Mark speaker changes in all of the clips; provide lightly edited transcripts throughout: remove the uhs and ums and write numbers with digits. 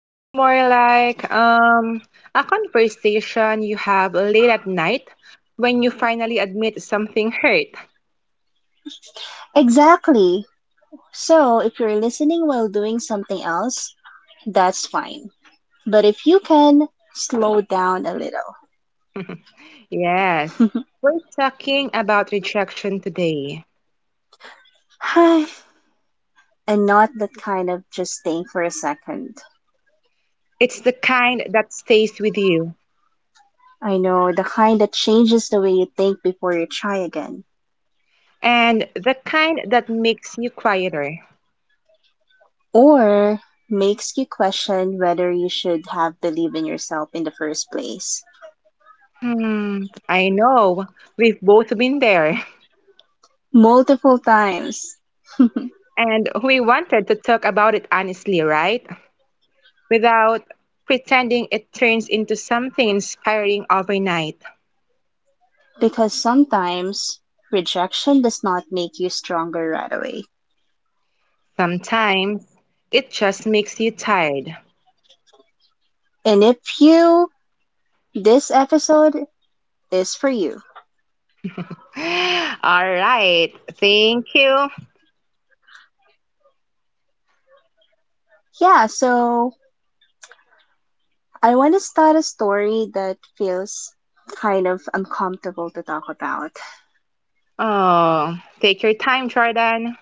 Speaker 1: it's more like a conversation you have late at night when you finally admit something hurt.
Speaker 2: Exactly. So if you're listening while doing something else, that's fine. But if you can, slow down a little.
Speaker 1: Yes, we're talking about rejection today.
Speaker 2: And not that kind of, just think for a second.
Speaker 1: It's the kind that stays with you,
Speaker 2: I know, the kind that changes the way you think before you try again.
Speaker 1: and the kind that makes you quieter.
Speaker 2: Or makes you question whether you should have believed in yourself in the first place.
Speaker 1: Hmm, I know. We've both been there.
Speaker 2: Multiple times.
Speaker 1: And we wanted to talk about it honestly, right? Without pretending it turns into something inspiring overnight.
Speaker 2: Because sometimes rejection does not make you stronger right away.
Speaker 1: Sometimes it just makes you tired.
Speaker 2: And if you, this episode is for you.
Speaker 1: All right. Thank you.
Speaker 2: Yeah, so I want to start a story that feels kind of uncomfortable to talk about.
Speaker 1: Oh, take your time, Jordan.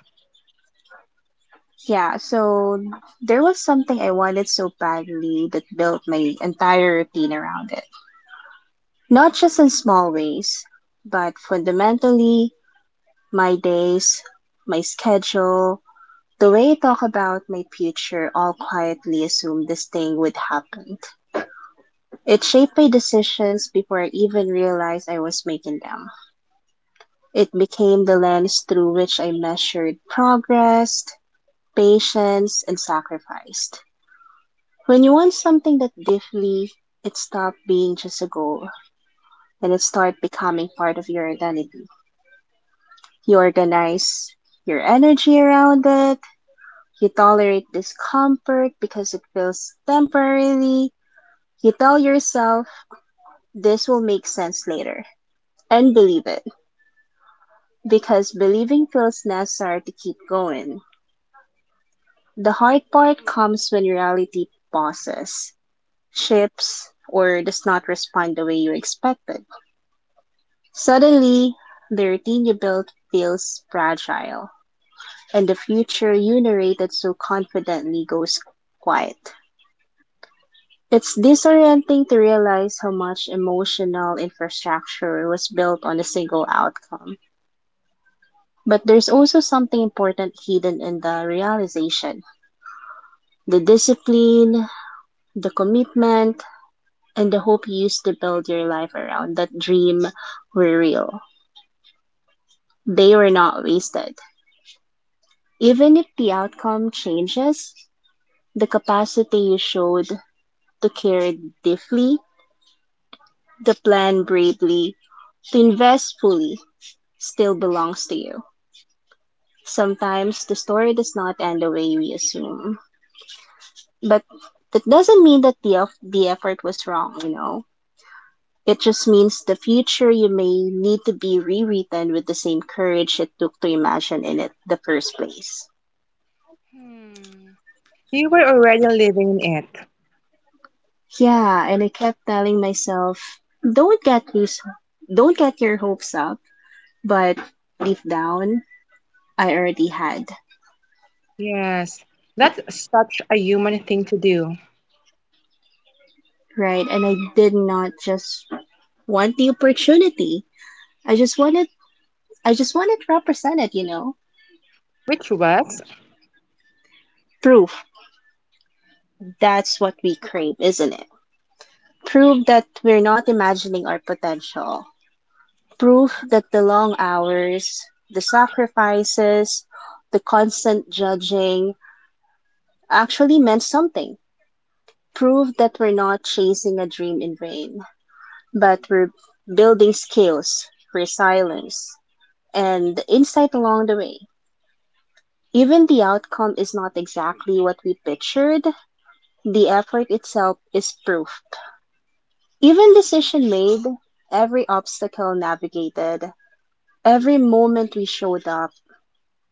Speaker 2: Yeah, so there was something I wanted so badly that built my entire routine around it. Not just in small ways, but fundamentally, my days, my schedule, the way I talk about my future all quietly assumed this thing would happen. It shaped my decisions before I even realized I was making them. It became the lens through which I measured progress, patience, and sacrifice. When you want something that deeply, it stopped being just a goal and it started becoming part of your identity. You organize your energy around it. You tolerate discomfort because it feels temporarily. You tell yourself this will make sense later and believe it because believing feels necessary to keep going. The hard part comes when reality pauses, shifts, or does not respond the way you expected. Suddenly, the routine you built feels fragile, and the future you narrated so confidently goes quiet. It's disorienting to realize how much emotional infrastructure was built on a single outcome. But there's also something important hidden in the realization: the discipline, the commitment, and the hope you used to build your life around that dream were real. They were not wasted. Even if the outcome changes, the capacity you showed to care deeply, the plan bravely, to invest fully, still belongs to you. Sometimes the story does not end the way we assume, but that doesn't mean that the effort was wrong, you know? It just means the future you may need to be rewritten with the same courage it took to imagine in it the first place.
Speaker 1: Hmm. You were already living in it.
Speaker 2: Yeah, and I kept telling myself, don't get loose, don't get your hopes up, but deep down, I already had,
Speaker 1: Yes. That's such a human thing to do,
Speaker 2: right? And I did not just want the opportunity. I just want it. I just want it represented. You know,
Speaker 1: which was.
Speaker 2: proof. That's what we crave, isn't it? Proof that we're not imagining our potential. Proof that the long hours, the sacrifices, the constant judging actually meant something. Proof that we're not chasing a dream in vain, but we're building skills, resilience, and insight along the way. Even the outcome is not exactly what we pictured, the effort itself is proof. Even decision made, every obstacle navigated, every moment we showed up,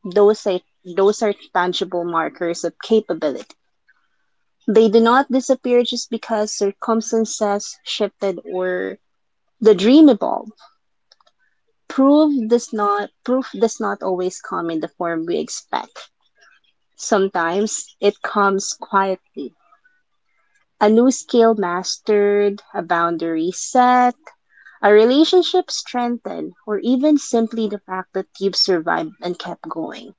Speaker 2: those are tangible markers of capability. They do not disappear just because circumstances shifted or the dream evolved. Proof does not always come in the form we expect. Sometimes it comes quietly: a new skill mastered, a boundary set, a relationship strengthened, or even simply the fact that you've survived and kept going.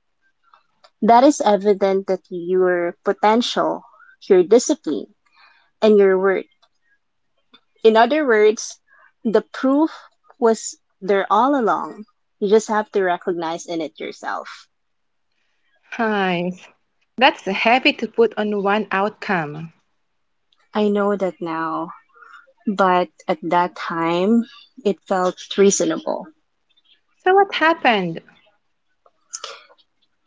Speaker 2: That is evident that your potential, your discipline, and your work. In other words, the proof was there all along. You just have to recognize in it yourself.
Speaker 1: Nice. That's heavy to put on one outcome.
Speaker 2: I know that now, but at that time, it felt reasonable.
Speaker 1: So what happened?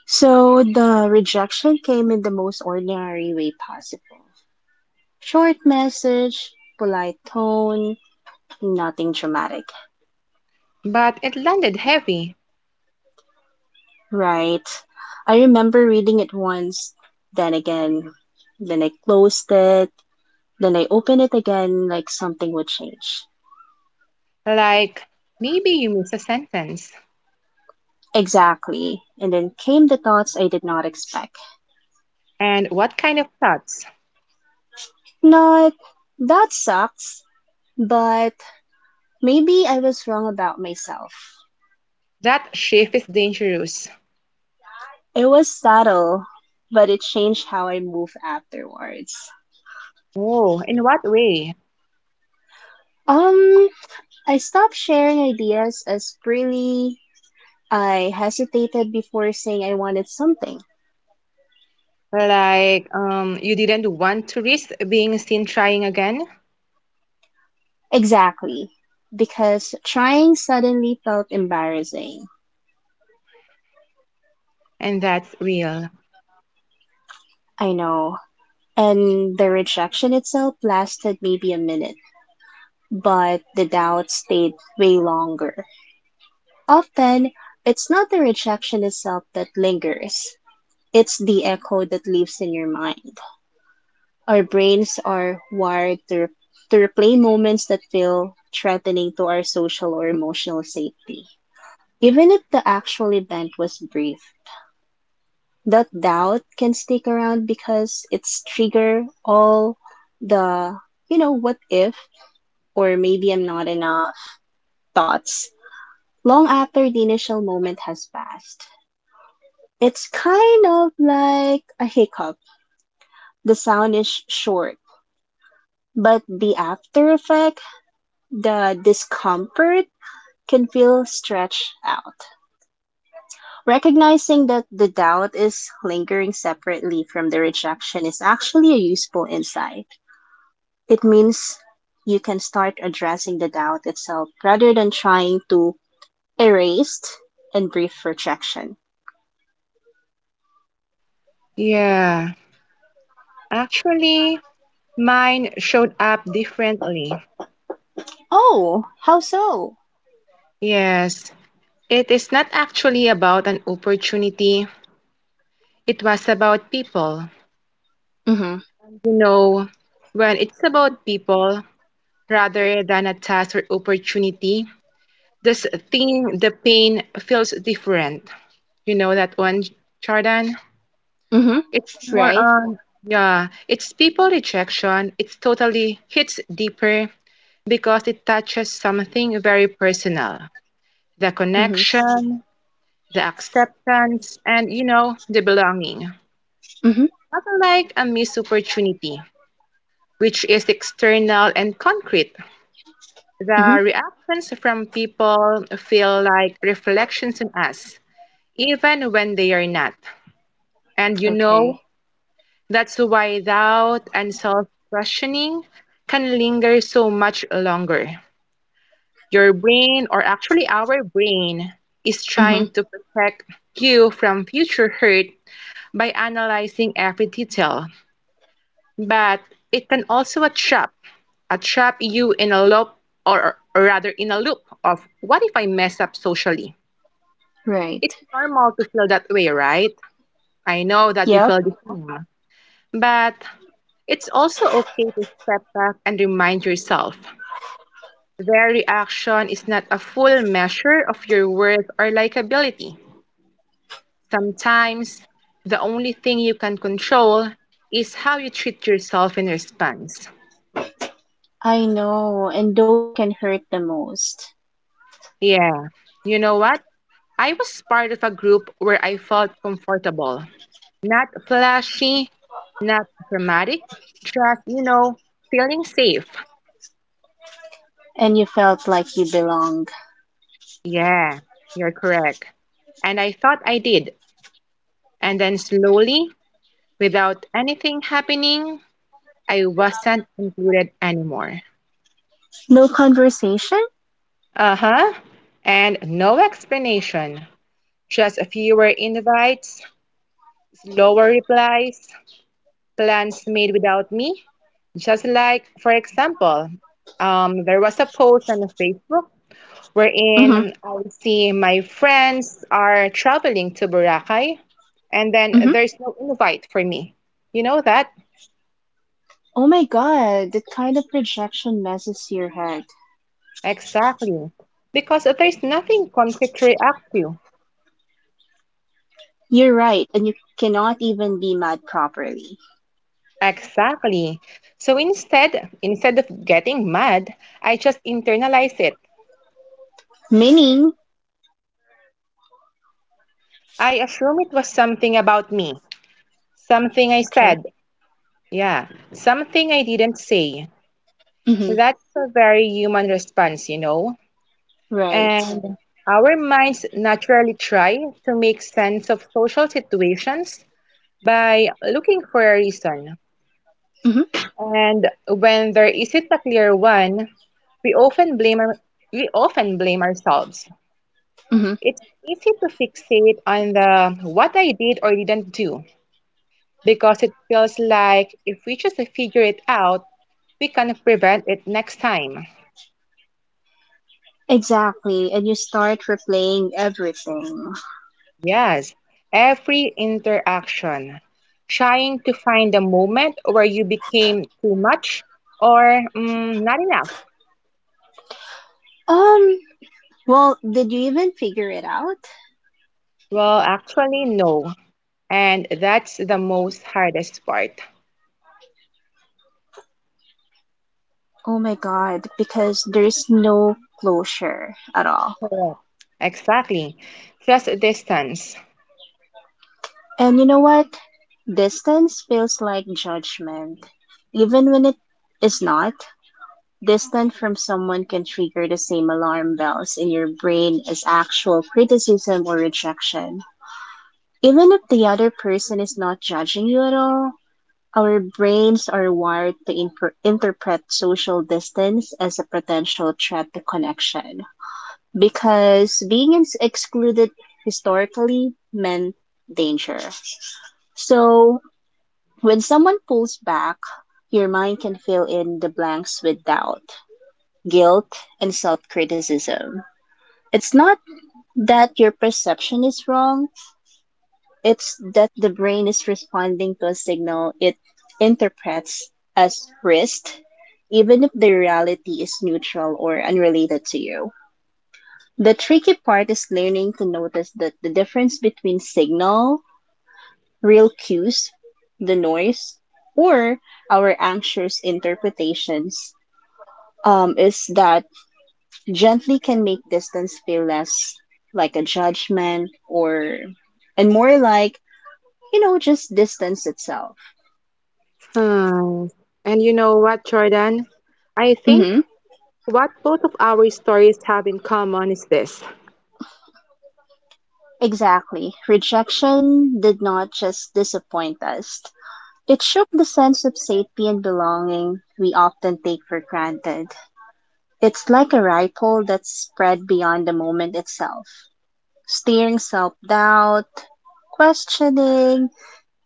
Speaker 2: So the rejection came in the most ordinary way possible. Short message, polite tone, nothing dramatic,
Speaker 1: But it landed heavy.
Speaker 2: right? I remember reading it once, then again, then I closed it, then I opened it again like something would change.
Speaker 1: Like maybe you miss a sentence.
Speaker 2: Exactly. And then came the thoughts I did not expect.
Speaker 1: And what kind of thoughts?
Speaker 2: Not, that sucks, but maybe I was wrong about myself.
Speaker 1: That shift is dangerous.
Speaker 2: It was subtle, but it changed how I moved afterwards.
Speaker 1: Oh, in what way?
Speaker 2: Um, I stopped sharing ideas as freely. I hesitated before saying I wanted something.
Speaker 1: Like you didn't want to risk being seen trying again?
Speaker 2: Exactly. Because trying suddenly felt embarrassing.
Speaker 1: And that's real.
Speaker 2: I know. And the rejection itself lasted maybe a minute, but the doubt stayed way longer. Often, it's not the rejection itself that lingers, it's the echo that lives in your mind. Our brains are wired to replay moments that feel threatening to our social or emotional safety. Even if the actual event was brief, that doubt can stick around because it's trigger all the, you know, what if, or maybe I'm not enough thoughts long after the initial moment has passed. It's kind of like a hiccup. The sound is short, but the after effect, the discomfort, can feel stretched out. Recognizing that the doubt is lingering separately from the rejection is actually a useful insight. It means you can start addressing the doubt itself rather than trying to erase and brief rejection.
Speaker 1: Yeah. Actually, mine showed up differently.
Speaker 2: Oh, how so?
Speaker 1: Yes. It is not actually about an opportunity. It was about people.
Speaker 2: Mm hmm.
Speaker 1: You know, when it's about people rather than a task or opportunity, this thing, the pain feels different. You know that one, Jordan?
Speaker 2: Mm hmm.
Speaker 1: It's more
Speaker 2: Right?
Speaker 1: on, yeah, it's people rejection. It's totally hits deeper because it touches something very personal, the
Speaker 2: Mm hmm.
Speaker 1: connection, the acceptance, and, you know, the belonging. Not
Speaker 2: Mm hmm.
Speaker 1: like a missed opportunity, which is external and concrete.
Speaker 2: Mm hmm.
Speaker 1: The reactions from people feel like reflections on us, even when they are not. And you
Speaker 2: Okay.
Speaker 1: know, that's why doubt and self questioning can linger so much longer. Your brain, or actually our brain, is
Speaker 2: Mm hmm.
Speaker 1: trying to protect you from future hurt by analyzing every detail. But it can also trap, I trap you in a loop, or rather in a loop of what if I mess up socially?
Speaker 2: Right.
Speaker 1: It's normal to feel that way, right? I know that you
Speaker 2: Yep,
Speaker 1: feel the same, but it's also okay to step back and remind yourself their reaction is not a full measure of your worth or likability. Sometimes the only thing you can control is how you treat yourself in response.
Speaker 2: I know. And those can hurt the most.
Speaker 1: Yeah, you know what? I was part of a group where I felt comfortable. Not flashy, not dramatic, just, you know, feeling safe.
Speaker 2: And you felt like you belonged.
Speaker 1: Yeah, you're correct. And I thought I did. And then slowly, without anything happening, I wasn't included anymore.
Speaker 2: No conversation?
Speaker 1: Uh huh. And no explanation. Just fewer invites, slower replies, plans made without me. Just like, for example, there was a post on Facebook
Speaker 2: Hmm.
Speaker 1: wherein I see my friends are traveling to Boracay, and then
Speaker 2: Hmm.
Speaker 1: there's no invite for me. You know that?
Speaker 2: Oh my god, that kind of projection messes your head.
Speaker 1: Exactly. Because there's nothing concrete to react to.
Speaker 2: You're right, and you cannot even be mad properly.
Speaker 1: Exactly. So instead of getting mad, I just internalize it.
Speaker 2: Meaning,
Speaker 1: I assume it was something about me, something I
Speaker 2: okay,
Speaker 1: said. Yeah, something I didn't say.
Speaker 2: hmm,
Speaker 1: That's a very human response, you know.
Speaker 2: right.
Speaker 1: And our minds naturally try to make sense of social situations by looking for a reason.
Speaker 2: Hmm.
Speaker 1: And when there isn't a clear one, we often blame our, we often blame ourselves.
Speaker 2: Hmm.
Speaker 1: It's easy to fixate on the what I did or didn't do because it feels like if we just figure it out, we can prevent it next time.
Speaker 2: Exactly, and you start replaying everything.
Speaker 1: Yes, every interaction, trying to find a moment where you became too much or not enough.
Speaker 2: Um, well, did you even figure it out?
Speaker 1: Well, actually, no. And that's the most hardest part.
Speaker 2: Oh my god, because there's no closure at all.
Speaker 1: Correct. Exactly. Just distance.
Speaker 2: And you know what? Distance feels like judgment, even when it is not. Distance from someone can trigger the same alarm bells in your brain as actual criticism or rejection. Even if the other person is not judging you at all, our brains are wired to interpret social distance as a potential threat to connection. Because being excluded historically meant danger. So, when someone pulls back, your mind can fill in the blanks with doubt, guilt, and self criticism. It's not that your perception is wrong, it's that the brain is responding to a signal it interprets as risk, even if the reality is neutral or unrelated to you. The tricky part is learning to notice that the difference between signal, real cues, the noise, or our anxious interpretations is that gently can make distance feel less like a judgment, or and more like, you know, just distance itself.
Speaker 1: Hmm. And you know what, Jordan? I think
Speaker 2: Mm-hmm.
Speaker 1: what both of our stories have in common is this.
Speaker 2: Exactly. Rejection did not just disappoint us, it shook the sense of safety and belonging we often take for granted. It's like a ripple that's spread beyond the moment itself, steering self doubt, questioning,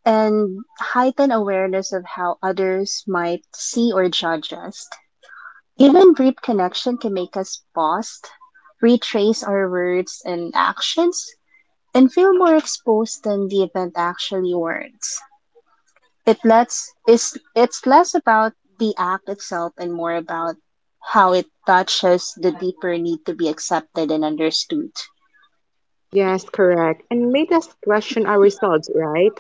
Speaker 2: and heighten awareness of how others might see or judge us. Even brief connection can make us pause, retrace our words and actions, and feel more exposed than the event actually warrants. It lets is it's less about the act itself and more about how it touches the deeper need to be accepted and understood.
Speaker 1: Yes, correct. And made us question ourselves, right?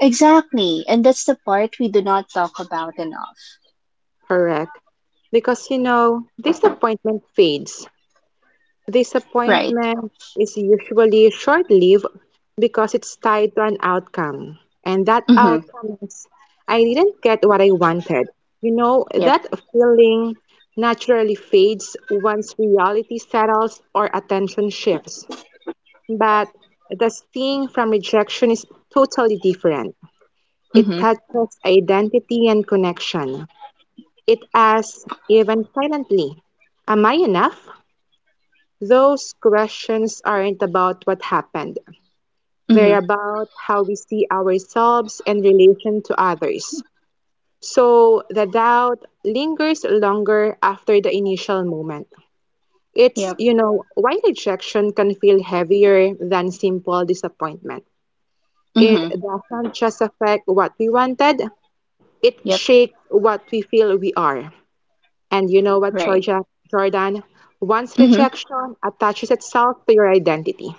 Speaker 2: Exactly, and that's the part we do not talk about enough.
Speaker 1: Correct. Because, you know, disappointment fades.
Speaker 2: Right.
Speaker 1: Disappointment is usually short lived because it's tied to an outcome. And that
Speaker 2: Mhm.
Speaker 1: outcome is, I didn't get what I wanted. You know,
Speaker 2: Yep.
Speaker 1: that feeling naturally fades once reality settles or attention shifts. But the sting from rejection is totally different. It
Speaker 2: Mhm.
Speaker 1: touches identity and connection. It asks, even silently, am I enough? Those questions aren't about what happened. They're
Speaker 2: Mhm.
Speaker 1: about how we see ourselves in relation to others. So the doubt lingers longer after the initial moment. It's,
Speaker 2: Yep.
Speaker 1: you know, why rejection can feel heavier than simple disappointment. It
Speaker 2: Mm-hmm.
Speaker 1: doesn't just affect what we wanted, it
Speaker 2: Yep.
Speaker 1: shakes what we feel we are. And you know what,
Speaker 2: Right.
Speaker 1: Jordan? Once
Speaker 2: Mm-hmm.
Speaker 1: rejection attaches itself to your identity.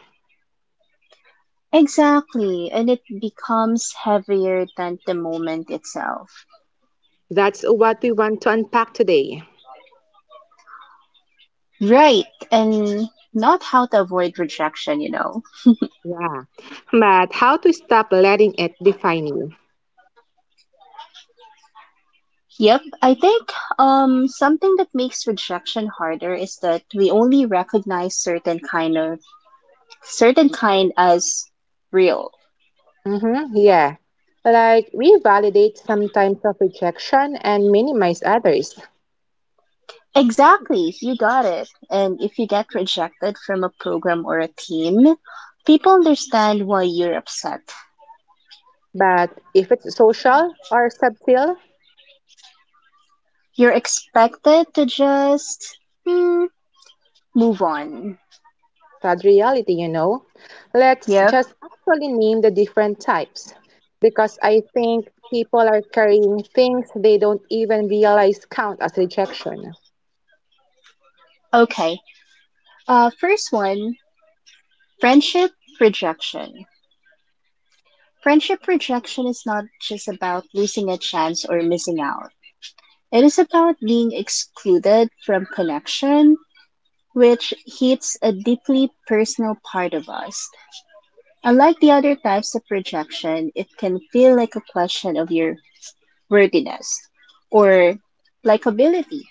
Speaker 2: Exactly. And it becomes heavier than the moment itself.
Speaker 1: That's what we want to unpack today.
Speaker 2: Right. And not how to avoid rejection, you know.
Speaker 1: Yeah. But how to stop letting it define you?
Speaker 2: Yep. I think something that makes rejection harder is that we only recognize certain kind as real.
Speaker 1: Mm-hmm. Yeah. Like we validate some types of rejection and minimize others.
Speaker 2: Exactly. You got it. And if you get rejected from a program or a team, people understand why you're upset.
Speaker 1: But if it's social or subtle,
Speaker 2: You're expected to just mm, move on.
Speaker 1: sad reality, you know. Let's
Speaker 2: Yep.
Speaker 1: just actually name the different types because I think people are carrying things they don't even realize count as rejection.
Speaker 2: Okay. First one, friendship rejection. Friendship rejection is not just about losing a chance or missing out, it is about being excluded from connection, which hits a deeply personal part of us. Unlike the other types of rejection, it can feel like a question of your worthiness or likability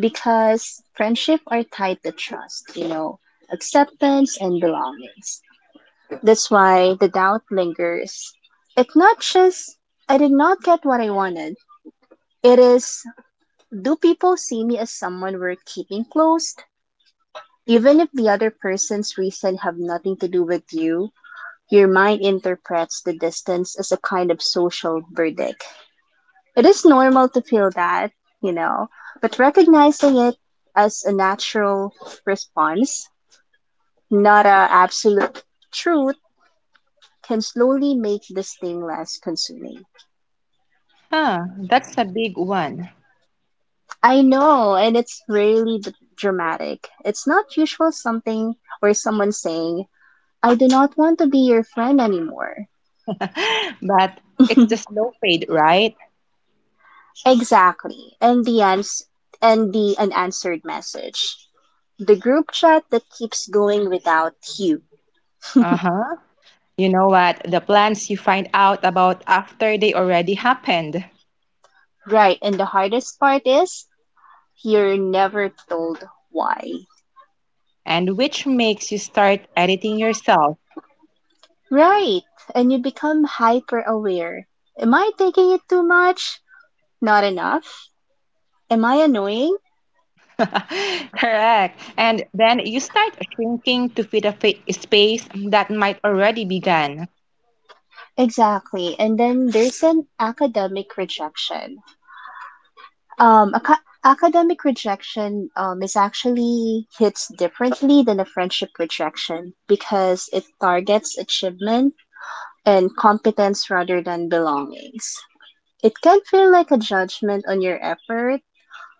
Speaker 2: because friendship are tied to trust, you know, acceptance and belongings. That's why the doubt lingers. It's not just I did not get what I wanted. It is do people see me as someone we're keeping close? Even if the other person's reason have nothing to do with you, your mind interprets the distance as a kind of social verdict. It is normal to feel that, you know, but recognizing it as a natural response, not a absolute truth, can slowly make this thing less consuming.
Speaker 1: Huh, that's a big one.
Speaker 2: I know, and it's rarely dramatic. It's not usual something or someone saying, I do not want to be your friend anymore.
Speaker 1: But it's the slow fade, right?
Speaker 2: Exactly. And the unanswered message. The group chat that keeps going without you.
Speaker 1: Uh-huh. You know what? The plans you find out about after they already happened,
Speaker 2: Right. And the hardest part is you're never told why.
Speaker 1: and which makes you start editing yourself.
Speaker 2: Right. And you become hyper aware. Am I taking it too much? Not enough? Am I annoying?
Speaker 1: Correct. And then you start shrinking to fit a fa space that might already be gone.
Speaker 2: Exactly. And then there's an academic rejection. Academic rejection is actually hits differently than a friendship rejection because it targets achievement and competence rather than belongings. It can feel like a judgment on your effort,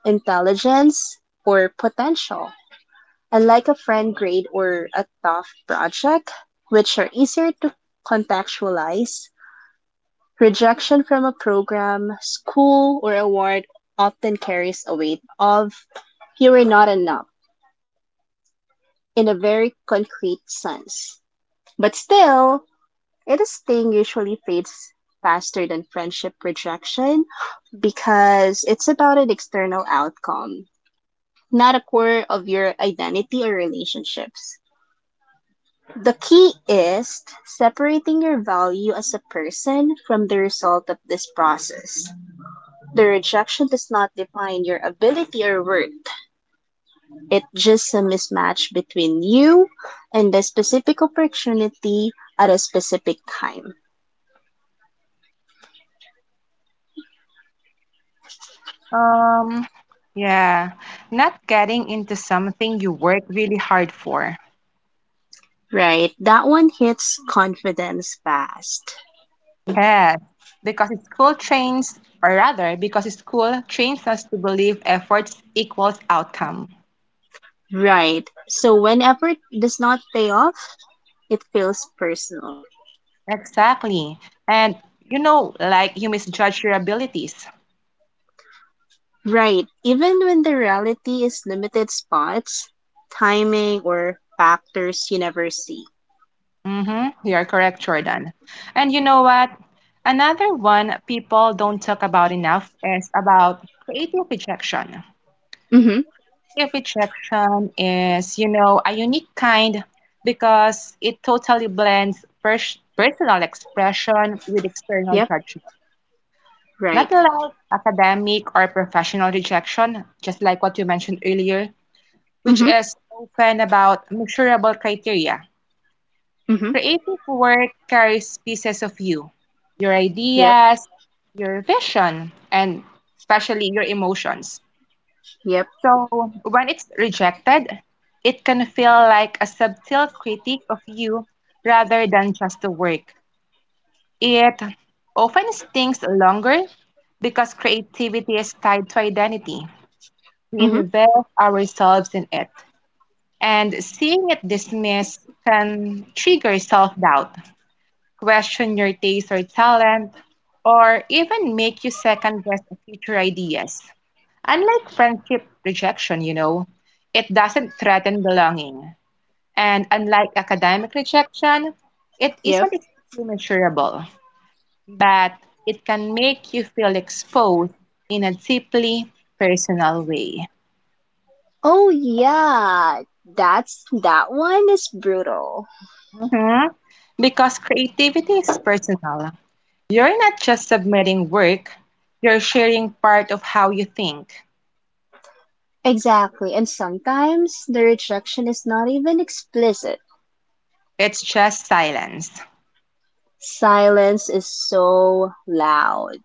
Speaker 2: intelligence, or potential. Unlike a friend grade or a tough project, which are easier to contextualize, rejection from a program, school, or award often carries a weight of you were not enough in a very concrete sense. But still, it sting usually fades faster than friendship rejection because it's about an external outcome not a core of your identity or relationships. The key is separating your value as a person from the result of this process. The rejection does not define your ability or worth. It's just a mismatch between you and the specific opportunity at a specific time.
Speaker 1: Um, yeah, not getting into something you work really hard for.
Speaker 2: Right, that one hits confidence fast.
Speaker 1: Yes, because school trains us to believe efforts equals outcome.
Speaker 2: Right, so when effort does not pay off, it feels personal.
Speaker 1: Exactly. And you know, like you misjudge your abilities.
Speaker 2: Right. Even when the reality is limited spots, timing, or factors you never see.
Speaker 1: Mm-hmm. You are correct, Jordan. And you know what? Another one people don't talk about enough is about creative rejection.
Speaker 2: Mm-hmm.
Speaker 1: Creative rejection is, you know, a unique kind because it totally blends personal expression with external
Speaker 2: Yep.
Speaker 1: judgment.
Speaker 2: Right.
Speaker 1: Not like academic or professional rejection, just like what you mentioned earlier, which
Speaker 2: Mm-hmm.
Speaker 1: is often about measurable criteria.
Speaker 2: Mm-hmm.
Speaker 1: Creative work carries pieces of you, your
Speaker 2: Yep.
Speaker 1: ideas, your vision, and especially your emotions.
Speaker 2: Yep.
Speaker 1: So when it's rejected, it can feel like a subtle critique of you rather than just the work. It often stings longer because creativity is tied to identity. We
Speaker 2: Mm-hmm.
Speaker 1: invest ourselves in it, and seeing it dismissed can trigger self doubt, question your taste or talent, or even make you second guess future ideas. Unlike friendship rejection, you know, it doesn't threaten belonging. And unlike academic rejection, it isn't
Speaker 2: Yep.
Speaker 1: strictly measurable, but it can make you feel exposed in a deeply personal way.
Speaker 2: Oh yeah. That one is brutal.
Speaker 1: Mhm. Because creativity is personal. You're not just submitting work, you're sharing part of how you think.
Speaker 2: Exactly. And sometimes the rejection is not even explicit.
Speaker 1: It's just silence.
Speaker 2: Silence is so loud.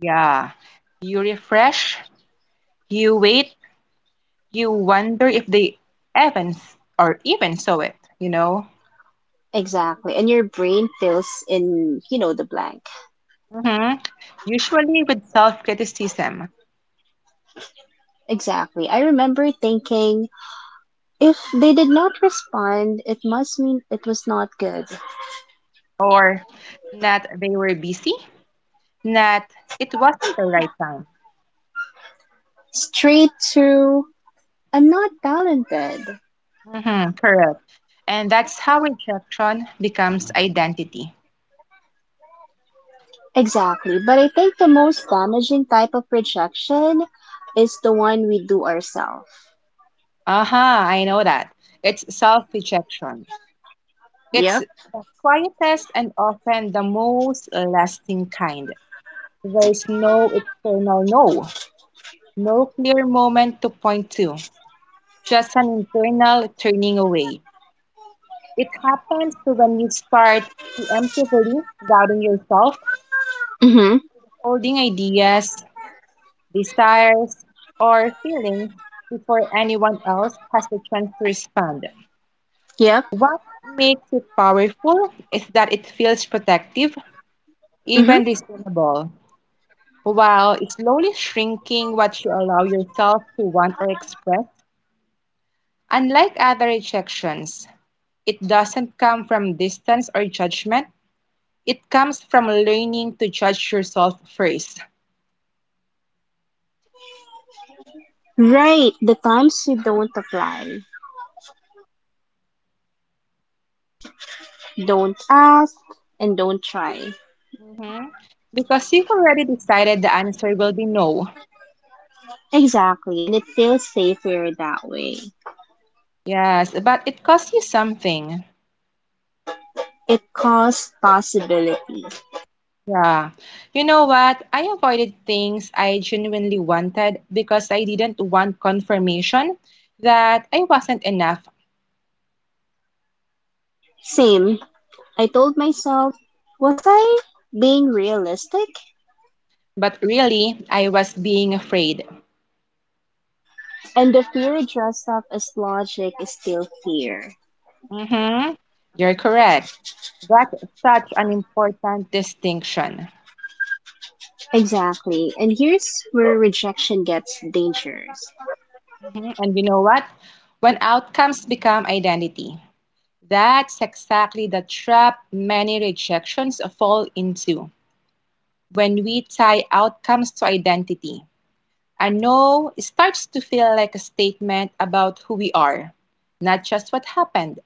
Speaker 1: Yeah. You refresh, you wait, you wonder if they even or even saw it, you know?
Speaker 2: Exactly. And your brain fills in, the blank.
Speaker 1: Hmm. Usually with self-criticism.
Speaker 2: Exactly. I remember thinking, if they did not respond, it must mean it was not good.
Speaker 1: Or not they were busy, not it wasn't the right time.
Speaker 2: Straight to, I'm not talented.
Speaker 1: Hmm, correct. And that's how rejection becomes identity.
Speaker 2: Exactly. But I think the most damaging type of rejection is the one we do ourselves.
Speaker 1: Aha, I know that. It's self-rejection. It's
Speaker 2: Yep.
Speaker 1: the quietest and often the most lasting kind. There's no external no, no clear moment to point to, just an internal turning away. It happens to when you start preemptively doubting yourself,
Speaker 2: Mm-hmm.
Speaker 1: holding ideas, desires, or feelings before anyone else has the chance to respond.
Speaker 2: Yep.
Speaker 1: What makes it powerful is that it feels protective, even
Speaker 2: Mm-hmm.
Speaker 1: discernible, while slowly shrinking what you allow yourself to want or express. Unlike other rejections, it doesn't come from distance or judgment. It comes from learning to judge yourself 1st.
Speaker 2: Right. The times you don't apply, don't ask, and don't try.
Speaker 1: Mhm. Because you've already decided the answer will be no.
Speaker 2: Exactly. And it feels safer that way.
Speaker 1: Yes, but it costs you something.
Speaker 2: It costs possibility.
Speaker 1: Yeah. You know what? I avoided things I genuinely wanted because I didn't want confirmation that I wasn't enough.
Speaker 2: Same. I told myself, was I being realistic?
Speaker 1: But really, I was being afraid.
Speaker 2: And the fear dressed up as logic is still fear.
Speaker 1: Mm-hmm. You're correct. That's such an important distinction.
Speaker 2: Exactly. And here's where rejection gets dangerous.
Speaker 1: Mhm. And you know what? When outcomes become identity, that's exactly the trap many rejections fall into. When we tie outcomes to identity, a no starts to feel like a statement about who we are, not just what happened.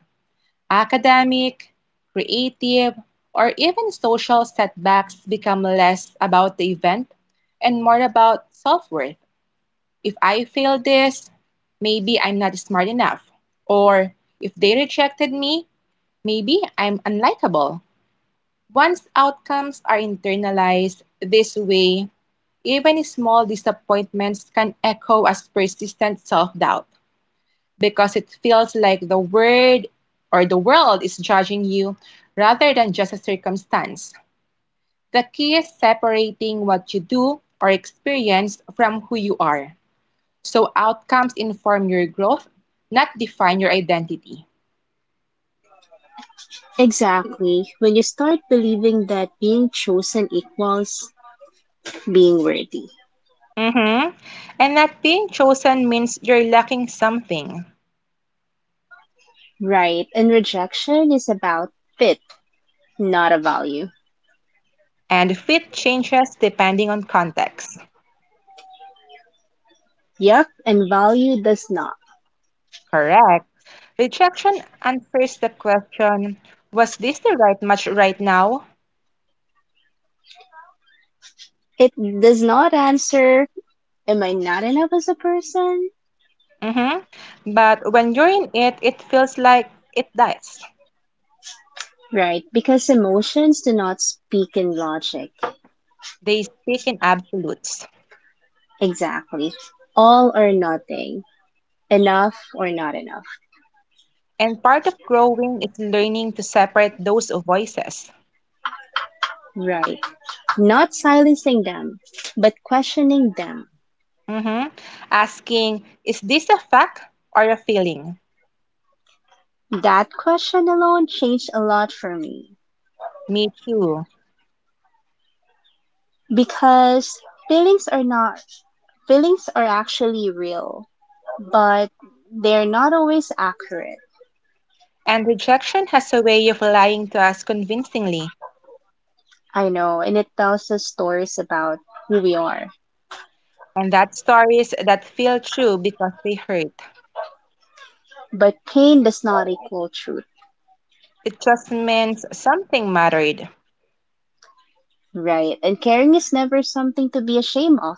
Speaker 1: Academic, creative, or even social setbacks become less about the event and more about self worth. If I fail this, maybe I'm not smart enough. Or if they rejected me, maybe I'm unlikable. Once outcomes are internalized this way, even small disappointments can echo as persistent self doubt because it feels like the word or the world is judging you rather than just a circumstance. The key is separating what you do or experience from who you are. So outcomes inform your growth, not define your identity.
Speaker 2: Exactly. When you start believing that being chosen equals being worthy.
Speaker 1: Mm-hmm. And not being chosen means you're lacking something.
Speaker 2: Right. And rejection is about fit, not a value.
Speaker 1: And fit changes depending on context.
Speaker 2: Yep. And value does not.
Speaker 1: Correct. Rejection answers the question, was this the right match right now?
Speaker 2: It does not answer, am I not enough as a person?
Speaker 1: Mm-hmm. But when you're in it, it feels like it does.
Speaker 2: Right, because emotions do not speak in logic.
Speaker 1: They speak in absolutes.
Speaker 2: Exactly. All or nothing. Enough or not enough.
Speaker 1: And part of growing is learning to separate those voices.
Speaker 2: Right. Not silencing them, but questioning them.
Speaker 1: Mhm. Asking, is this a fact or a feeling?
Speaker 2: That question alone changed a lot for me
Speaker 1: Me too.
Speaker 2: because feelings are not, feelings are actually real, but they're not always accurate.
Speaker 1: And rejection has a way of lying to us convincingly,
Speaker 2: I know, and it tells us stories about who we are.
Speaker 1: and that stories that feel true because they hurt.
Speaker 2: But pain does not equal truth.
Speaker 1: It just means something mattered.
Speaker 2: Right. And caring is never something to be ashamed of.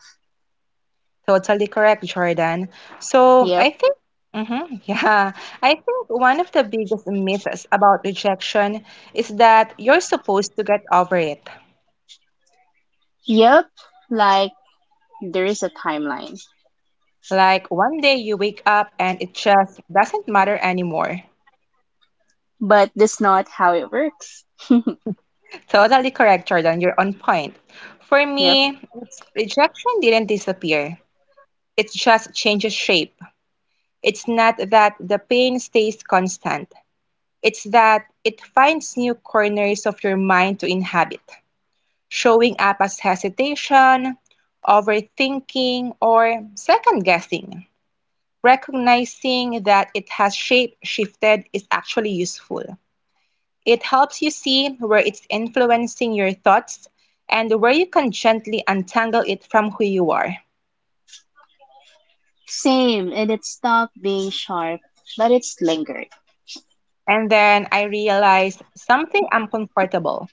Speaker 1: Totally correct, Jordan. So
Speaker 2: Yep.
Speaker 1: I think, yeah, I think one of the biggest myths about rejection is that you're supposed to get over it.
Speaker 2: Yep. Like there is a timeline.
Speaker 1: Like one day you wake up and it just doesn't matter anymore.
Speaker 2: But that's not how it works.
Speaker 1: Totally correct, Jordan. You're on point. For
Speaker 2: Yep.
Speaker 1: me, rejection didn't disappear. It just changes shape. It's not that the pain stays constant. It's that it finds new corners of your mind to inhabit, showing up as hesitation, overthinking, or second guessing. Recognizing that it has shape shifted is actually useful. It helps you see where it's influencing your thoughts and where you can gently untangle it from who you are.
Speaker 2: Same. And it stopped being sharp, but it's lingered.
Speaker 1: And then I realized something uncomfortable.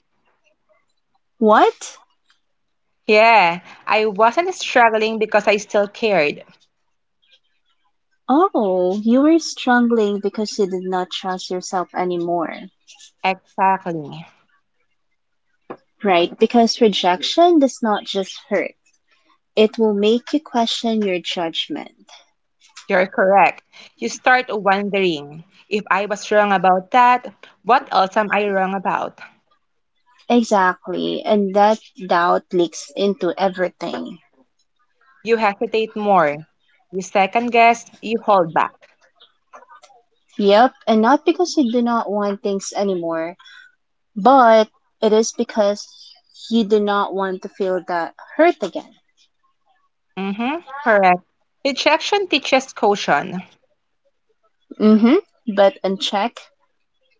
Speaker 2: What?
Speaker 1: Yeah, I wasn't struggling because I still cared.
Speaker 2: Oh, you were struggling because you did not trust yourself anymore.
Speaker 1: Exactly.
Speaker 2: Right. Because rejection does not just hurt. It will make you question your judgment.
Speaker 1: You're correct. You start wondering if I was wrong about that, what else am I wrong about?
Speaker 2: Exactly. And that doubt leaks into everything.
Speaker 1: You hesitate more. You second guess, you hold back.
Speaker 2: Yep, and not because you do not want things anymore, but it is because you do not want to feel that hurt again.
Speaker 1: Mm-hmm, correct. Rejection teaches caution.
Speaker 2: Mm-hmm. But unchecked,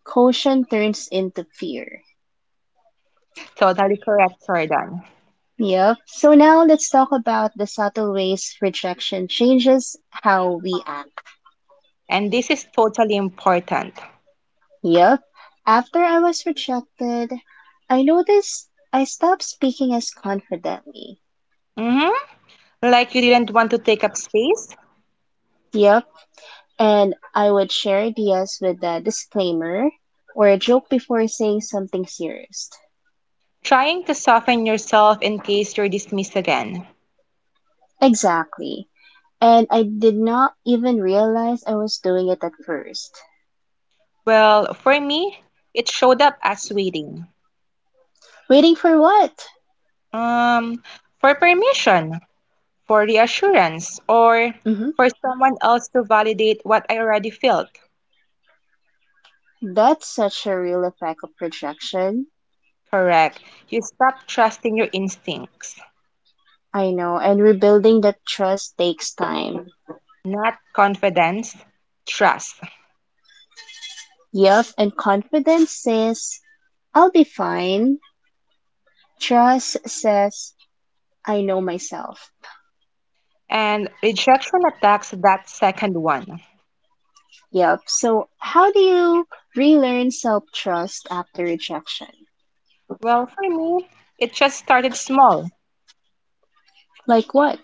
Speaker 2: caution turns into fear.
Speaker 1: Totally correct, Jordan.
Speaker 2: Yep. So now let's talk about the subtle ways rejection changes how we act.
Speaker 1: And this is totally important.
Speaker 2: Yep. After I was rejected, I noticed I stopped speaking as confidently.
Speaker 1: Hmm. Like you didn't want to take up space?
Speaker 2: Yep. And I would share ideas with a disclaimer or a joke before saying something serious.
Speaker 1: Trying to soften yourself in case you're dismissed again.
Speaker 2: Exactly. And I did not even realize I was doing it at first.
Speaker 1: Well, for me, it showed up as waiting.
Speaker 2: Waiting for what?
Speaker 1: Um, for permission, for reassurance, or
Speaker 2: hmm
Speaker 1: for someone else to validate what I already felt.
Speaker 2: That's such a real effect of projection.
Speaker 1: Correct. You stop trusting your instincts,
Speaker 2: I know. And rebuilding that trust takes time.
Speaker 1: not confidence, trust.
Speaker 2: Yup. And confidence says, I'll be fine. Trust says, I know myself.
Speaker 1: And rejection attacks that second one.
Speaker 2: Yep. So, how do you relearn self trust after rejection?
Speaker 1: Well, for me, it just started small.
Speaker 2: Like what?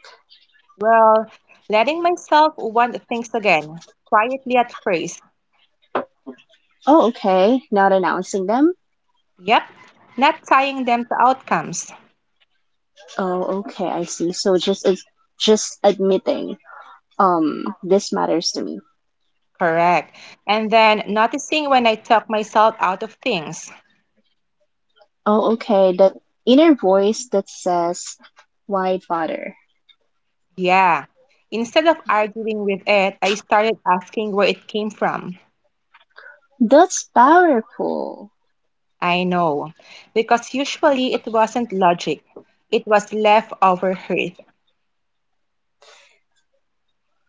Speaker 1: Well, letting myself want things again, quietly at first.
Speaker 2: Oh, okay. Not announcing them.
Speaker 1: Yep, not tying them to outcomes.
Speaker 2: Oh, okay. I see. Just admitting, this matters to me.
Speaker 1: Correct. And then noticing when I talk myself out of things.
Speaker 2: Oh, okay. That inner voice that says, "Why bother?"
Speaker 1: Yeah. Instead of arguing with it, I started asking where it came from.
Speaker 2: That's powerful.
Speaker 1: I know. Because usually it wasn't logic, it was leftover hurt.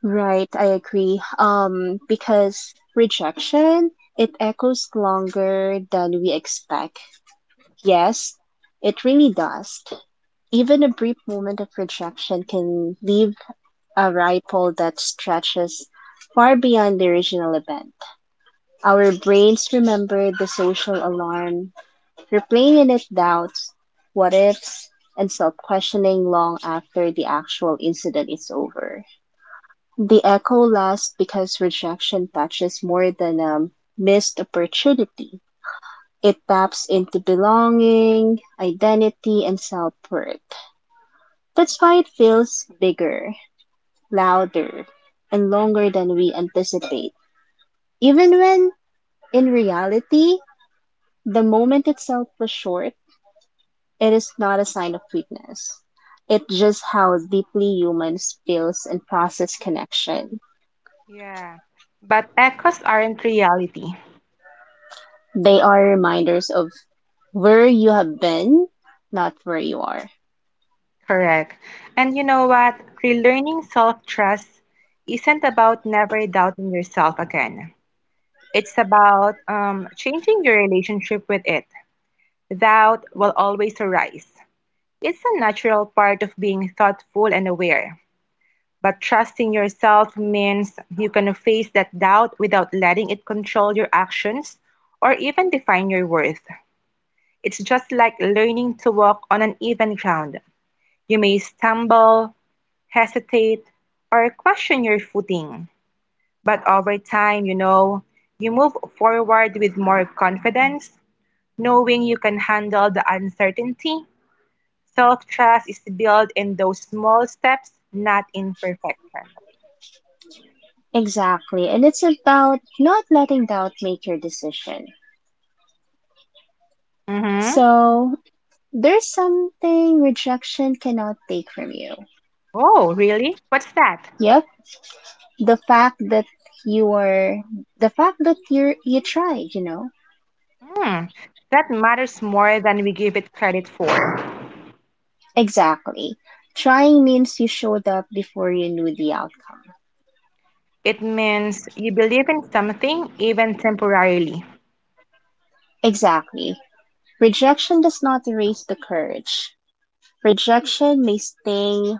Speaker 2: Right. I agree. Because rejection it echoes longer than we expect. Yes, it really does. Even a brief moment of rejection can leave a ripple that stretches far beyond the original event. Our brains remember the social alarm, replaying it doubts, what ifs, and self questioning long after the actual incident is over. The echo lasts because rejection touches more than a missed opportunity. It taps into belonging, identity, and self worth. That's why it feels bigger louder, and longer than we anticipate. Even when, in reality, the moment itself was short, it is not a sign of weakness. It's just how deeply humans feels and process connection.
Speaker 1: Yeah. But echoes aren't reality.
Speaker 2: They are reminders of where you have been, not where you are.
Speaker 1: Correct. And you know what? Relearning self-trust isn't about never doubting yourself again. It's about changing your relationship with it. Doubt will always arise. It's a natural part of being thoughtful and aware. But trusting yourself means you can face that doubt without letting it control your actions or even define your worth. It's just like learning to walk on uneven ground. You may stumble, hesitate, or question your footing. But over time, you know, you move forward with more confidence, knowing you can handle the uncertainty. Self trust is built in those small steps, not in perfection.
Speaker 2: Exactly. And it's about not letting doubt make your decision.
Speaker 1: Mm-hmm.
Speaker 2: So there's something rejection cannot take from you.
Speaker 1: Oh, really? What's that?
Speaker 2: Yep, the fact that you are, the fact that you tried, you know.
Speaker 1: Hmm. That matters more than we give it credit for.
Speaker 2: Exactly, trying means you showed up before you knew the outcome.
Speaker 1: It means you believe in something, even temporarily.
Speaker 2: Exactly, rejection does not erase the courage. Rejection may sting,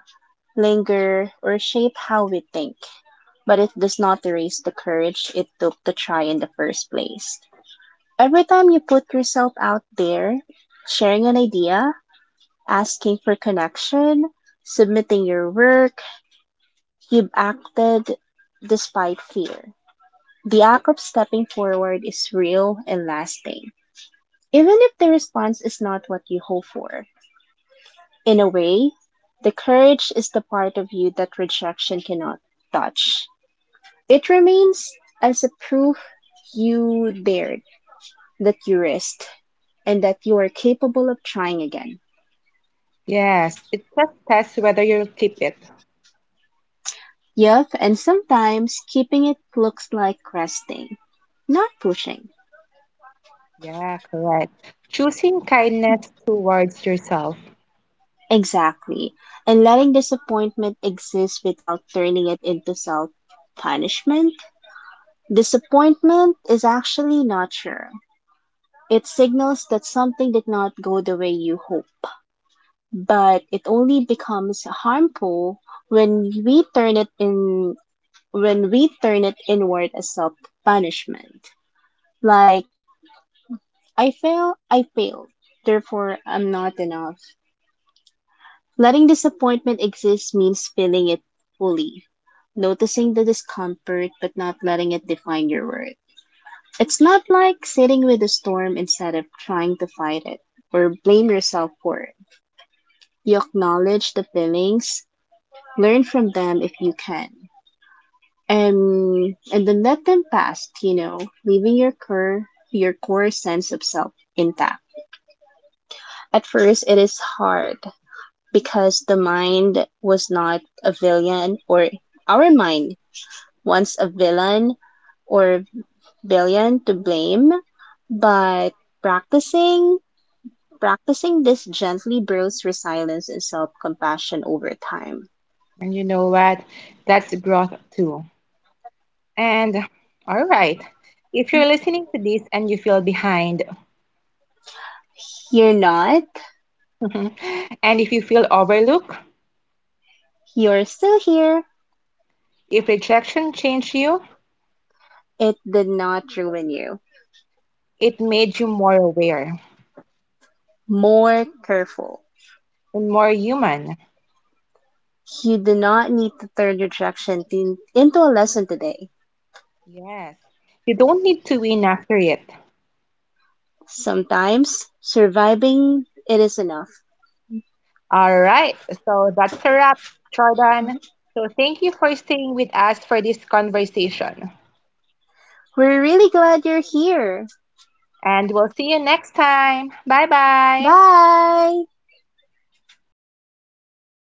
Speaker 2: linger, or shape how we think, but it does not erase the courage it took to try in the first place. Every time you put yourself out there, sharing an idea, asking for connection, submitting your work, you've acted despite fear. The act of stepping forward is real and lasting, even if the response is not what you hope for. In a way, the courage is the part of you that rejection cannot touch. It remains as a proof you dared, that you risked, and that you are capable of trying again.
Speaker 1: Yes, it just tests whether you'll keep it.
Speaker 2: Yup, and sometimes keeping it looks like resting, not pushing.
Speaker 1: Yeah, correct. Choosing kindness towards yourself.
Speaker 2: Exactly. And letting disappointment exist without turning it into self punishment. Disappointment is actually nurture. It signals that something did not go the way you hope, but it only becomes harmful when we turn it in when we turn it inward as self punishment. Like I failed. Therefore, I'm not enough. Letting disappointment exist means feeling it fully, noticing the discomfort but not letting it define your worth. It's not like sitting with the storm instead of trying to fight it or blame yourself for it. You acknowledge the feelings, learn from them if you can, and then let them pass, you know, leaving your core sense of self intact. At first it is hard because the mind was not a villain or our mind once a villain or billion to blame, but practicing practicing this gently builds resilience and self-compassion over time.
Speaker 1: And you know what? That's growth too. And all right, if you're listening to this and you feel behind,
Speaker 2: You're not,
Speaker 1: and if you feel overlooked,
Speaker 2: you're still here.
Speaker 1: if rejection changed you,
Speaker 2: It did not ruin you.
Speaker 1: it made you more aware
Speaker 2: More careful.
Speaker 1: and more human.
Speaker 2: You do not need to turn into a lesson today.
Speaker 1: Yes, you don't need to win after it.
Speaker 2: Sometimes surviving it is enough.
Speaker 1: All right, so that's a wrap, Jordan. So thank you for staying with us for this conversation.
Speaker 2: We're really glad you're here.
Speaker 1: And we'll see you next time. Bye bye.
Speaker 2: Bye.